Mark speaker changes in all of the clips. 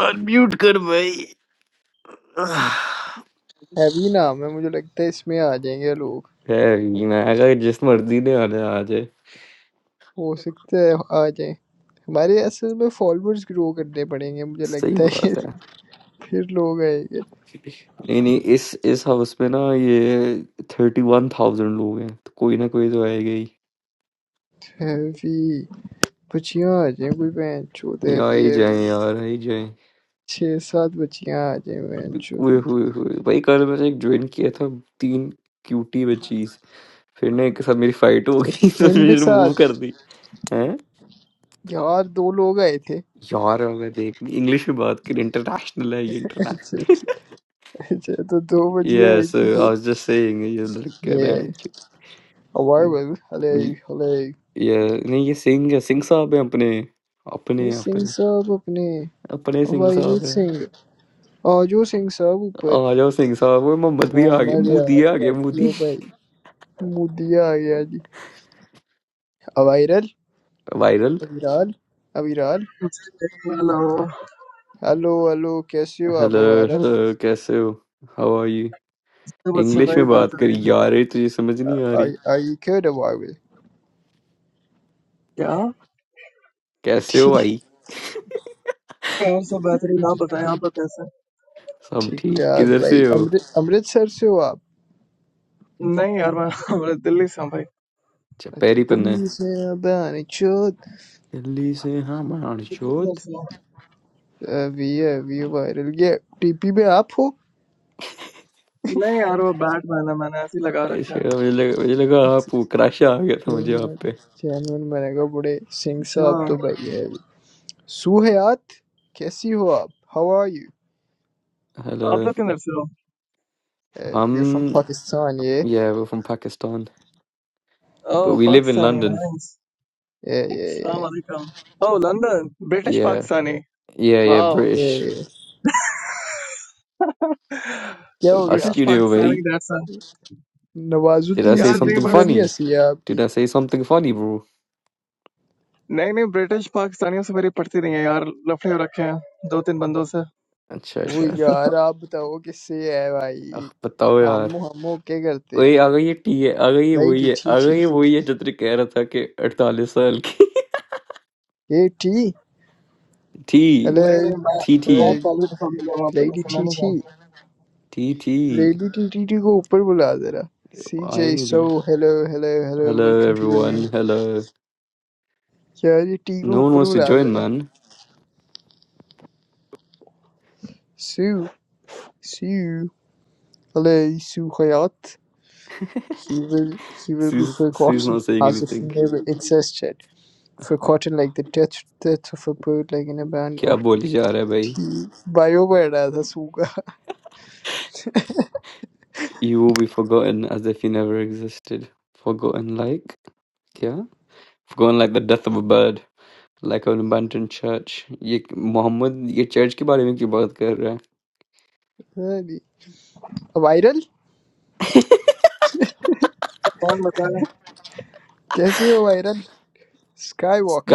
Speaker 1: Unmute कर भाई
Speaker 2: heavy नाम है मुझे लगता है इसमें आ जाएंगे लोग
Speaker 1: खैर, मैं अगर जिस मर्जी ने आने आ जाए
Speaker 2: हो सकता है आ जाए हमारे असल में फॉलोअर्स ग्रो करने पड़ेंगे मुझे
Speaker 1: सही
Speaker 2: लगता है
Speaker 1: बात है
Speaker 2: फिर लोग आएंगे
Speaker 1: नहीं नहीं इस इस हाउस में ना ये थर्टी वन थाउजेंड लोग हैं तो कोई ना कोई तो आएगा ही
Speaker 2: हैवी बच्चियाँ आ जाएं कोई बहन चोद
Speaker 1: ये आ
Speaker 2: हैवी
Speaker 1: ही जाए
Speaker 2: हैवी
Speaker 1: यार आ ही जाए
Speaker 2: छः सात बच्चियाँ आ जाएं बहन
Speaker 1: हुए
Speaker 2: चोद
Speaker 1: हुए हुए भाई कल मैंने एक ज्वाइन किया था तीन क्यूटी बच्चीज फिर ना एक के साथ मेरी फाइट हो गई तो
Speaker 2: इनके
Speaker 1: मैंने रिमूव
Speaker 2: साथ
Speaker 1: कर दी हैं
Speaker 2: यार दो लोग आए थे
Speaker 1: यार मैं देख इंग्लिश में बात करी इंटरनेशनल है ये
Speaker 2: अच्छा अच्छा तो दो बच्चियाँ
Speaker 1: Yeah,
Speaker 2: आई थी
Speaker 1: so I
Speaker 2: जो-
Speaker 1: was just saying ये लड़के
Speaker 2: ये
Speaker 1: बैंड की-
Speaker 2: अवाइवल हले
Speaker 1: ये
Speaker 2: हले
Speaker 1: ये- नहीं ये सिंह है सिंह साहब है अपने
Speaker 2: वो
Speaker 1: अपने
Speaker 2: सिंह
Speaker 1: अपने
Speaker 2: साहब अपने
Speaker 1: अपने सिंह
Speaker 2: अवाइवल
Speaker 1: साहब है
Speaker 2: सिंह आ जाओ सिंह साहब ऊपर
Speaker 1: आ जाओ सिंह साहब वो मोहम्मद भी आ गए
Speaker 2: मोहम्मद यार
Speaker 1: मोदी आ गए
Speaker 2: कैसी
Speaker 1: मोदी
Speaker 2: हो भाई मोदिया आ गया जी अवायरल
Speaker 1: viral
Speaker 2: Aviral Aviral
Speaker 3: Hello.
Speaker 2: Hello hello कैसे हो आप
Speaker 1: हेलो
Speaker 2: अवायरल
Speaker 1: हेलो कैसे हो how are you
Speaker 3: How are you,
Speaker 1: English
Speaker 3: boy?
Speaker 1: में बात
Speaker 3: Better.
Speaker 1: करी यार ये तुझे समझ नहीं आ रही
Speaker 2: I I cared about
Speaker 3: Yeah.
Speaker 1: कैसे हो
Speaker 2: ठीक
Speaker 1: भाई
Speaker 3: Yeah. How are you? Better. No, don't tell me. How are you?
Speaker 1: सब
Speaker 2: ठीक
Speaker 1: ठीक
Speaker 2: ठाक
Speaker 1: किधर
Speaker 2: भाई
Speaker 1: से हो
Speaker 2: अमृत अमृतसर से हो आप
Speaker 3: No, I am from Delhi, boy.
Speaker 1: अच्छा
Speaker 2: अच्छा
Speaker 1: पैरी पन्ना है
Speaker 2: दिल्ली से अबानी चोद
Speaker 1: दिल्ली से हाँ
Speaker 3: Where are you
Speaker 1: मानचोद
Speaker 3: from?
Speaker 2: अभी अभी वायरल ये टीपी पे आप हो
Speaker 3: No, I am a bad boy. I have installed it. Okay.
Speaker 1: अच्छा, मुझे लगा मुझे लगा आप क्रश आ गया था मुझे आप पे
Speaker 2: चैनल मैंने कहा बड़े सिंह साहब तो भाई है सुहयात कैसी हो आप how are you
Speaker 3: Where
Speaker 1: hello
Speaker 3: are you from?
Speaker 2: We from
Speaker 1: Um,
Speaker 2: Pakistan
Speaker 1: yeah, we're from Pakistan, but
Speaker 3: Oh,
Speaker 1: we live in
Speaker 3: Pakistani.
Speaker 1: London.
Speaker 3: Thanks.
Speaker 2: ये
Speaker 3: Salaam alaikum. Oh, London. British
Speaker 1: Yeah,
Speaker 3: Pakistani.
Speaker 1: yeah, yeah,
Speaker 3: Wow.
Speaker 1: British.
Speaker 2: ए, क्या हो गया
Speaker 3: British
Speaker 1: Askew deal,
Speaker 3: Pakistani
Speaker 1: mate.
Speaker 3: dancer.
Speaker 1: Did I
Speaker 2: Nawazuddin
Speaker 1: say
Speaker 3: Yeah,
Speaker 1: something
Speaker 3: no,
Speaker 2: Siddiqui
Speaker 3: just
Speaker 2: वाली
Speaker 1: funny?
Speaker 2: हंसी है आपकी
Speaker 1: Did I say something funny, bro?
Speaker 3: no, no. British Pakistani is my partner. Yeah, I have kept two or three friends.
Speaker 1: अच्छा
Speaker 2: वो
Speaker 1: अच्छा
Speaker 2: यार आप बताओ किससे है
Speaker 1: अख
Speaker 2: भाई
Speaker 1: बताओ यार
Speaker 2: हम हम ओके करते हैं
Speaker 1: ओए आ गई ये टी है आ गई ये वही
Speaker 2: लेडी
Speaker 1: है
Speaker 2: छी
Speaker 1: आ
Speaker 2: छी
Speaker 1: गई ये वही है जो तेरे कह रहा था कि 48 साल की
Speaker 2: ए टी
Speaker 1: थी
Speaker 3: No,
Speaker 2: हेलो
Speaker 3: no, I
Speaker 1: थी थी
Speaker 3: am
Speaker 2: hello
Speaker 3: a political leader. I am
Speaker 2: lady teacher
Speaker 3: not a.
Speaker 1: थी थी
Speaker 2: लेडी टी टी टी को ऊपर बुला जरा सी
Speaker 1: आई
Speaker 2: जे
Speaker 1: नहीं थी
Speaker 2: सो hello hello hello
Speaker 1: hello
Speaker 2: welcome to the room
Speaker 1: everyone hello
Speaker 2: यार ये टी को
Speaker 1: नो वन
Speaker 2: ऊपर
Speaker 1: वांट्स टू
Speaker 2: बुला
Speaker 1: जॉइन
Speaker 2: जरा
Speaker 1: मैन
Speaker 2: सू सू हेलो सू हयात He will, he will
Speaker 1: सी
Speaker 2: be
Speaker 1: is
Speaker 2: forgotten
Speaker 1: not saying
Speaker 2: as if he
Speaker 1: anything
Speaker 2: never existed. forgotten like the death death of a bird like in a band
Speaker 1: क्या
Speaker 2: of
Speaker 1: बोली जा रहा है भाई
Speaker 2: tea bioware रहा था सूगा
Speaker 1: You will be forgotten as if you never existed. Forgotten like क्या? Forgotten like the death of a bird, like an abandoned church. ये मोहम्मद ये चर्च के बारे में क्यों बात कर रहा है?
Speaker 2: Viral
Speaker 3: Come on, tell me.
Speaker 2: कैसे हो viral?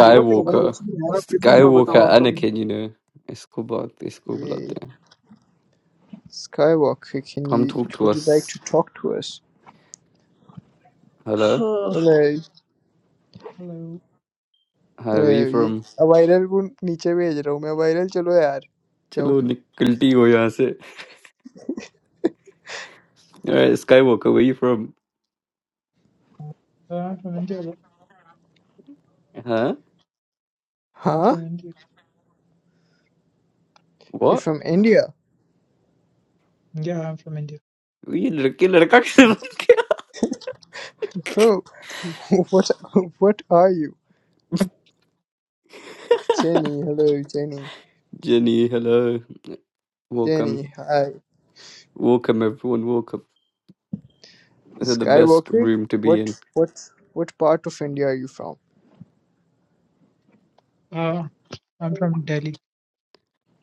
Speaker 3: Don't worry. I'm not a kid anymore.
Speaker 1: Skywalker
Speaker 3: I'll tell
Speaker 1: Anakin, you know. इसको बात इसको
Speaker 2: ये
Speaker 1: बुलाते हैं.
Speaker 2: skywalker can
Speaker 1: Come
Speaker 2: you
Speaker 1: talk to
Speaker 2: would you like to
Speaker 1: us.
Speaker 2: talk to us
Speaker 1: Hello.
Speaker 3: you.
Speaker 2: अरे
Speaker 4: Hello.
Speaker 1: Hi,
Speaker 2: अरे
Speaker 1: where you
Speaker 2: ये
Speaker 1: from?
Speaker 2: Viral को नीचे भेज रहा हूँ मैं वायरल चलो यार जाओ
Speaker 1: चलो निकलती हो यहाँ से. Uh, Skywalker, where you from?
Speaker 4: Uh, I'm from India. but-
Speaker 1: हाँ?
Speaker 4: I'm
Speaker 2: हाँ
Speaker 4: from India.
Speaker 2: you
Speaker 1: What?
Speaker 2: from India
Speaker 4: Yeah, I'm from India.
Speaker 1: ये लड़के लड़का क्या?
Speaker 2: bro what what are you Jenny hello Jenny
Speaker 1: Jenny, hello. Welcome.
Speaker 2: Jenny hi
Speaker 1: Welcome everyone, welcome. This is the best
Speaker 2: Skywalker,
Speaker 1: room to be in.
Speaker 2: what what what part of India are you from?
Speaker 4: Uh, I'm from Delhi.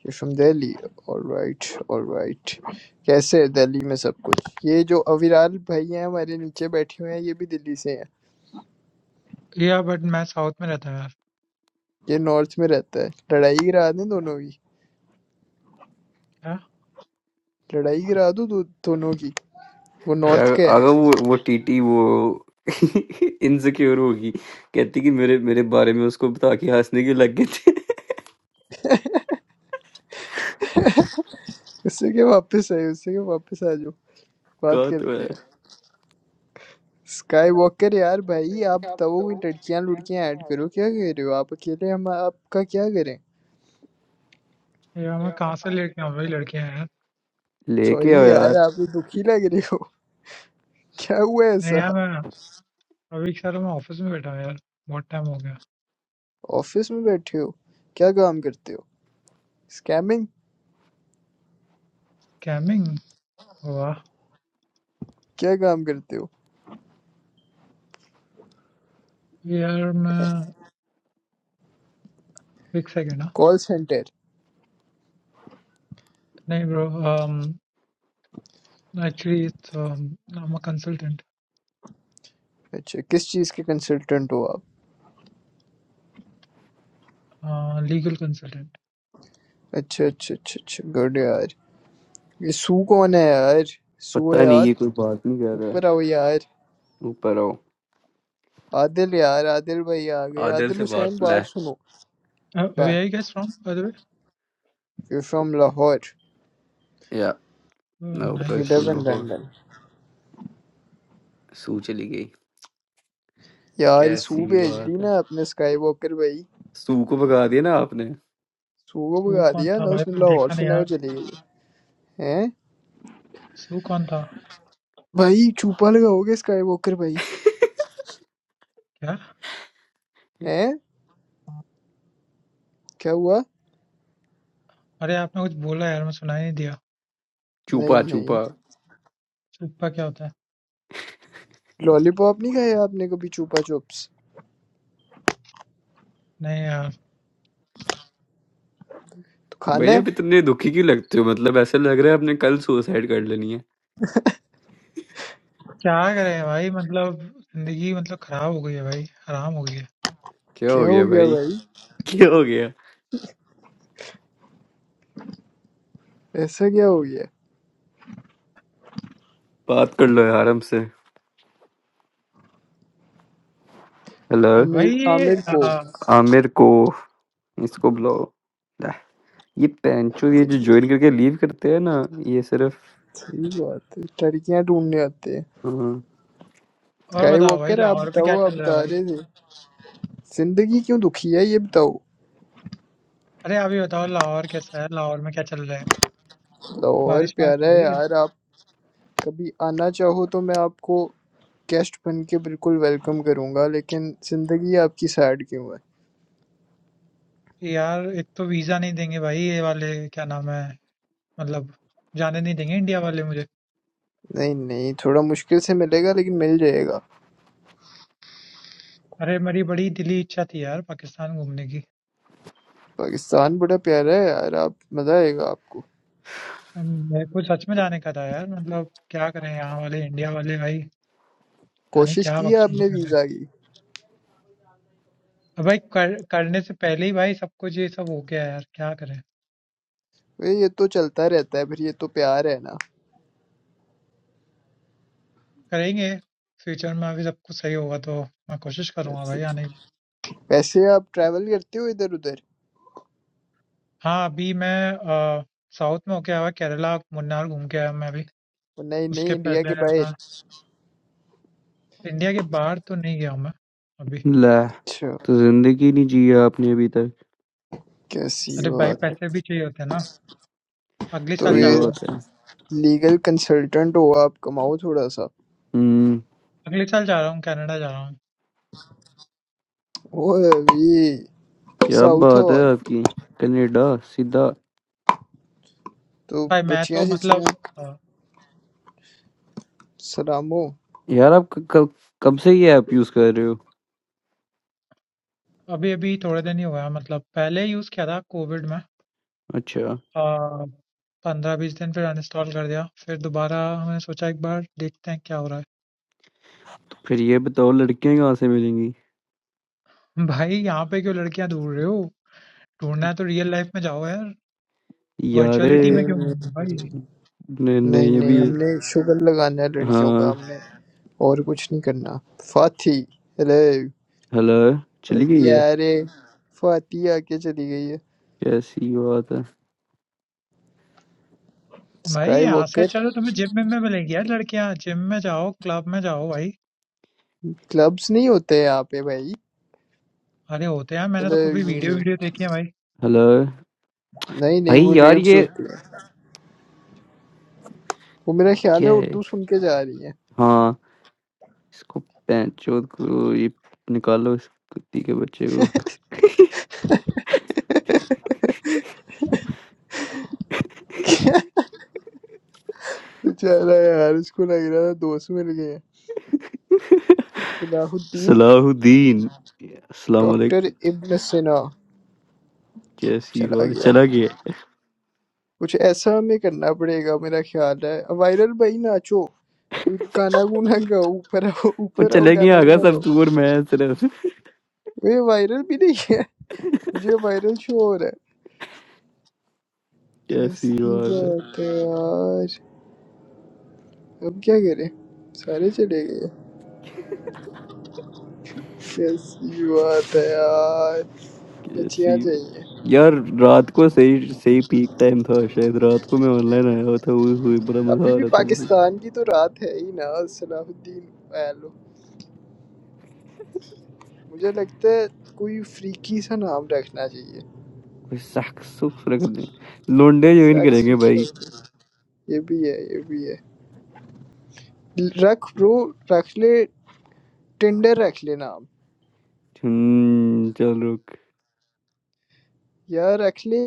Speaker 2: You're from Delhi. All right, all right. कैसे है दिल्ली में सब कुछ? ये जो अविराल भाई हैं हमारे नीचे बैठे हुए हैं ये भी दिल्ली से हैं।
Speaker 4: Yeah, but मैं साउथ में रहता हूँ यार
Speaker 2: ये नॉर्थ में रहता है। लड़ाई गिरा दें दोनों की।
Speaker 4: क्या
Speaker 2: लड़ाई गिरा दो दो, दोनों की। वो नॉर्थ
Speaker 1: यार
Speaker 2: का है।
Speaker 1: अगर वो वो टीटी वो इनसिक्योर होगी कहती कि मेरे मेरे बारे में उसको बता के हंसने क्यों लग गए थे
Speaker 2: उससे क्या वापस आए उससे क्या वापस आ जाओ। बात
Speaker 1: कहा तो
Speaker 2: करते
Speaker 1: है
Speaker 2: हैं। स्काई वॉकर यार भाई आप बताओ कोई लड़कियां लुड़कियां ऐड करो क्या कह रहे हो आप अकेले हम आपका क्या करें
Speaker 4: यार मैं कहाँ से लेके आऊँ वही लड़कियाँ यार
Speaker 1: लेके आओ
Speaker 2: सॉरी यार
Speaker 1: यार
Speaker 2: आप तो दुखी लग रही हो क्या हुआ
Speaker 4: नहीं
Speaker 2: ऐसा
Speaker 4: यार मैं अभी एक साल मैं ऑफिस में बैठा हूँ यार बहुत टाइम हो गया
Speaker 2: ऑफिस में बैठे हो क्या काम करते हो स्कैमिंग
Speaker 4: स्कैमिंग वाह
Speaker 2: क्या काम करते हो
Speaker 4: यार मैं एक सेकेंड ना
Speaker 2: कॉल सेंटर
Speaker 4: नहीं bro actually it's I'm a consultant
Speaker 2: अच्छा किस चीज़ के कंसल्टेंट हो आप
Speaker 4: uh, legal consultant
Speaker 2: अच्छा अच्छा अच्छा अच्छा गुड यार ये सू कौन है यार सू है
Speaker 1: पता नहीं
Speaker 2: यार
Speaker 1: ये कोई बात नहीं कर
Speaker 2: ऊपर
Speaker 1: रहा
Speaker 2: आओ यार
Speaker 1: ऊपर आओ
Speaker 2: आदिल यार आदिल भाई आ गए
Speaker 1: आदर
Speaker 2: आदिल
Speaker 1: से बात
Speaker 2: हुसैन
Speaker 1: ले
Speaker 2: बात सुनो
Speaker 4: uh, where are you guys from by the way
Speaker 2: you from Lahore
Speaker 1: या
Speaker 4: oh,
Speaker 1: मैं
Speaker 2: बट
Speaker 1: ऊपर
Speaker 2: we
Speaker 4: nice
Speaker 1: from
Speaker 2: live in
Speaker 1: Lahore
Speaker 2: London
Speaker 1: सू चली गई
Speaker 2: यार सू
Speaker 1: कैसी
Speaker 2: भेज दी
Speaker 1: बात है
Speaker 2: ना अपने स्काई वॉकर भाई
Speaker 1: सू को भगा दिया ना आपने
Speaker 2: सू को
Speaker 4: सू
Speaker 2: भगा
Speaker 4: कौन
Speaker 2: दिया
Speaker 4: था
Speaker 2: ना
Speaker 4: भाई
Speaker 2: उसने लाहौर
Speaker 4: देखा नहीं
Speaker 2: से ना वो
Speaker 4: यार
Speaker 2: चली गई हैं
Speaker 4: सू कौन था
Speaker 2: भाई छुपा लगाओगे स्काई वॉकर भाई
Speaker 4: क्या
Speaker 2: हैं क्या हुआ
Speaker 4: अरे आपने कुछ बोला यार मैं सुनाई नहीं दिया।
Speaker 2: नहीं
Speaker 1: चूपा
Speaker 2: नहीं
Speaker 1: चूपा
Speaker 4: चुप्पा क्या होता है?
Speaker 2: लॉलीपॉप नहीं खाया आपने कभी छुपा चुप्स
Speaker 4: नहीं यार,
Speaker 2: तो खाना
Speaker 1: भाई
Speaker 2: है
Speaker 1: अब इतने दुखी क्यों लगते हो मतलब ऐसा लग रहा है आपने कल सुसाइड कर लेनी है
Speaker 4: क्या करें भाई मतलब ज़िंदगी मतलब ख़राब हो गई है भाई, हराम हो गई है।
Speaker 1: क्या हो
Speaker 2: क्या हो
Speaker 1: गया
Speaker 2: गया
Speaker 1: भाई
Speaker 2: भाई
Speaker 1: क्या हो गया
Speaker 2: ऐसा क्या हो गया
Speaker 1: बात कर लो यार हमसे हेलो
Speaker 4: भाई
Speaker 2: आमिर
Speaker 4: ये
Speaker 2: आमिर को
Speaker 4: अ,
Speaker 1: आमिर को इसको बुलाओ ला, ये पैंचो ये जो ज्वाइन करके लीव करते हैं ना ये सिर्फ
Speaker 2: सही बात है लड़कियां ढूंढने आते हैं
Speaker 1: हाँ,
Speaker 4: और
Speaker 2: स्काई
Speaker 4: बताओ भाई
Speaker 2: वॉकर आप
Speaker 4: लाहौर में
Speaker 2: बताओ
Speaker 4: क्या
Speaker 2: आप
Speaker 4: चल रहा है
Speaker 2: बता
Speaker 4: भाई?
Speaker 2: रहे थे जिंदगी क्यों दुखी है ये बताओ
Speaker 4: अरे आप ही बताओ लाहौर कैसा है? लाहौर में क्या चल रहा है?
Speaker 2: और
Speaker 4: बारिश-वारिश
Speaker 2: प्यारा
Speaker 4: हो
Speaker 2: है
Speaker 4: रही है?
Speaker 2: यार आप कभी आना चाहो तो मैं आपको गेस्ट बन के बिल्कुल वेलकम करूंगा लेकिन जिंदगी आपकी सैड क्यों है
Speaker 4: यार एक तो वीज़ा नहीं देंगे भाई ये वाले क्या नाम है मतलब जाने नहीं देंगे इंडिया वाले मुझे।
Speaker 2: नहीं नहीं थोड़ा मुश्किल से मिलेगा लेकिन मिल जाएगा
Speaker 4: अरे मेरी बड़ी दिली इच्छा थी यार पाकिस्तान घूमने की।
Speaker 2: पाकिस्तान बड़ा प्यारा है यार आप मज़ा आएगा आपको
Speaker 4: अम, मेरे को सच में जाने का था यार मतलब क्या करें यहाँ वाले इंडिया वाले भाई पता नहीं
Speaker 2: कोशिश
Speaker 4: क्या
Speaker 2: की है
Speaker 4: बकचोदी
Speaker 2: आपने
Speaker 4: कर रहे हैं
Speaker 2: वीज़ा की
Speaker 4: अब भाई कर, करने से पहले ही भाई सब कुछ ये सब हो गया यार क्या करें
Speaker 2: भाई ये तो चलता रहता है फिर ये तो प्यार है ना
Speaker 4: करेंगे फ्यूचर में अभी सब कुछ सही होगा तो मैं कोशिश करूंगा भाई
Speaker 2: वैसे
Speaker 4: आने की
Speaker 2: वैसे आप ट्रैवल करते हो इधर उधर
Speaker 4: हाँ अभी मैं अ, साउथ में होके आया हुआ केरला मुन्नार घूम के आया मैं अभी
Speaker 2: नहीं नहीं
Speaker 4: उसके
Speaker 2: इंडिया
Speaker 4: पहले
Speaker 2: के
Speaker 4: मैं
Speaker 2: बाहर
Speaker 4: इंडिया के बाहर तो नहीं गया हूँ मैं अभी
Speaker 1: ला
Speaker 2: अच्छा
Speaker 1: तो जिंदगी नहीं जी आपने अभी तक
Speaker 2: कैसी
Speaker 4: अरे भाई
Speaker 2: बात है
Speaker 4: पैसे भी चाहिए होते हैं ना अगले
Speaker 2: तो
Speaker 4: साल
Speaker 1: सही
Speaker 4: जा
Speaker 2: ये
Speaker 4: रहा हूँ
Speaker 1: बात है
Speaker 2: लीगल कंसल्टेंट हो आप कमाओ थोड़ा सा
Speaker 1: हम्म
Speaker 4: अगले साल जा रहा हूँ कनाडा जा रहा हूँ
Speaker 2: वो ये
Speaker 1: क्या
Speaker 2: साउथ
Speaker 1: बात है
Speaker 2: हॉल
Speaker 1: आपकी कनाडा सीधा
Speaker 2: तो
Speaker 4: भाई मैं तो
Speaker 2: बच्चियां सच्चियां
Speaker 4: मतलब अ,
Speaker 2: सलामो
Speaker 1: यार आप क- कब कब से ये ऐप यूज कर रहे हो
Speaker 4: अभी अभी थोड़े दिन ही हुआ है मतलब पहले यूज किया था कोविड में
Speaker 1: अच्छा
Speaker 4: अ, 15-20 दिन फिर अनइंस्टॉल कर दिया। फिर दोबारा मैंने सोचा एक बार देखते हैं क्या हो रहा
Speaker 1: तो फिर ये बताओ लड़कियां कहाँ से मिलेंगी
Speaker 4: है। भाई यहाँ पे क्यों लड़कियाँ ढूँढ रहे हो? ढूँढना है तो रियल लाइफ में जाओ यार।
Speaker 1: यारे
Speaker 4: वर्चुअलिटी में
Speaker 2: नहीं
Speaker 4: क्यों घूम रहे हो भाई?
Speaker 2: नहीं
Speaker 1: नहीं
Speaker 2: नहीं
Speaker 1: नहीं ये
Speaker 2: नहीं
Speaker 1: भी
Speaker 2: हमने शुगर लगाना है लड़कियों का
Speaker 1: हाँ
Speaker 2: हमने और कुछ नहीं करना फाती अरे
Speaker 1: हेलो चली गई है
Speaker 2: यारे फाती आके चली गई है
Speaker 1: कैसी बात है
Speaker 4: भाई
Speaker 2: स्काई
Speaker 4: यहाँ से
Speaker 2: वॉकर
Speaker 4: अच्छा तो तुम्हें जिम विम में मिलेंगी यार लड़कियाँ। जिम में जाओ, क्लब में जाओ भाई।
Speaker 2: क्लब्स नहीं होते हैं यहाँ पे भाई
Speaker 4: अरे होते हैं यार मैंने तो
Speaker 2: अरे
Speaker 4: काफ़ी
Speaker 2: नहीं
Speaker 4: वीडियो
Speaker 2: नहीं
Speaker 4: वीडियो देखी है भाई।
Speaker 1: हेलो
Speaker 2: नहीं नहीं
Speaker 1: भाई
Speaker 2: वो
Speaker 1: यार
Speaker 2: रेव्स
Speaker 1: ये
Speaker 2: होती है वो मेरा ख्याल है
Speaker 1: क्या है
Speaker 2: उर्दू सुन के जा रही है
Speaker 1: हाँ इसको पैंचोद को ये निकालो इस कुत्ती के बच्चे को
Speaker 2: बेचारा यार इसको लग रहा था दोस्त मिल गए हैं। सलाहुद्दीन
Speaker 1: सलाहुद्दीन अस्सलाम
Speaker 2: डॉक्टर
Speaker 1: वालेकुम
Speaker 2: इब्न सिना
Speaker 1: कैसी
Speaker 2: चला
Speaker 1: बात
Speaker 2: गया
Speaker 1: चला गया
Speaker 2: कुछ ऐसा हमें करना पड़ेगा मेरा ख्याल है वायरल भाई नाचो कोई गाना गुना गाओ ऊपर आओ
Speaker 1: वो
Speaker 2: ऊपर आओ
Speaker 1: चले
Speaker 2: गाना
Speaker 1: गया आगा
Speaker 2: गुना गाओ
Speaker 1: सब तू और मैं सिर्फ
Speaker 2: वे वायरल भी नहीं है मुझे वायरल शो हो रहा है
Speaker 1: कैसी
Speaker 2: कैसी
Speaker 1: बात है
Speaker 2: बात है यार अब क्या करें सारे चले गए कैसी बात है यार बचियां
Speaker 1: कैसी
Speaker 2: चाहिए
Speaker 1: यार रात को सही सही पीक टाइम था शायद रात को मैं ऑनलाइन आया हुआ था हुई हुई बड़ा
Speaker 2: अभी
Speaker 1: मजा आ
Speaker 2: भी
Speaker 1: रहा था मुझे
Speaker 2: पाकिस्तान की तो रात है ही ना सलाहुद्दीन ऐलो मुझे लगता है कोई फ्रीकी सा नाम रखना चाहिए
Speaker 1: कोई सख सुख रख दे लोंडे ज्वाइन
Speaker 2: सेक्स
Speaker 1: करेंगे
Speaker 2: विद
Speaker 1: भाई
Speaker 2: Sharmila। ये भी है ये भी है रख ब्रो रख ले टिंडर रख ले नाम
Speaker 1: हम्म, चलो
Speaker 2: यार रख ले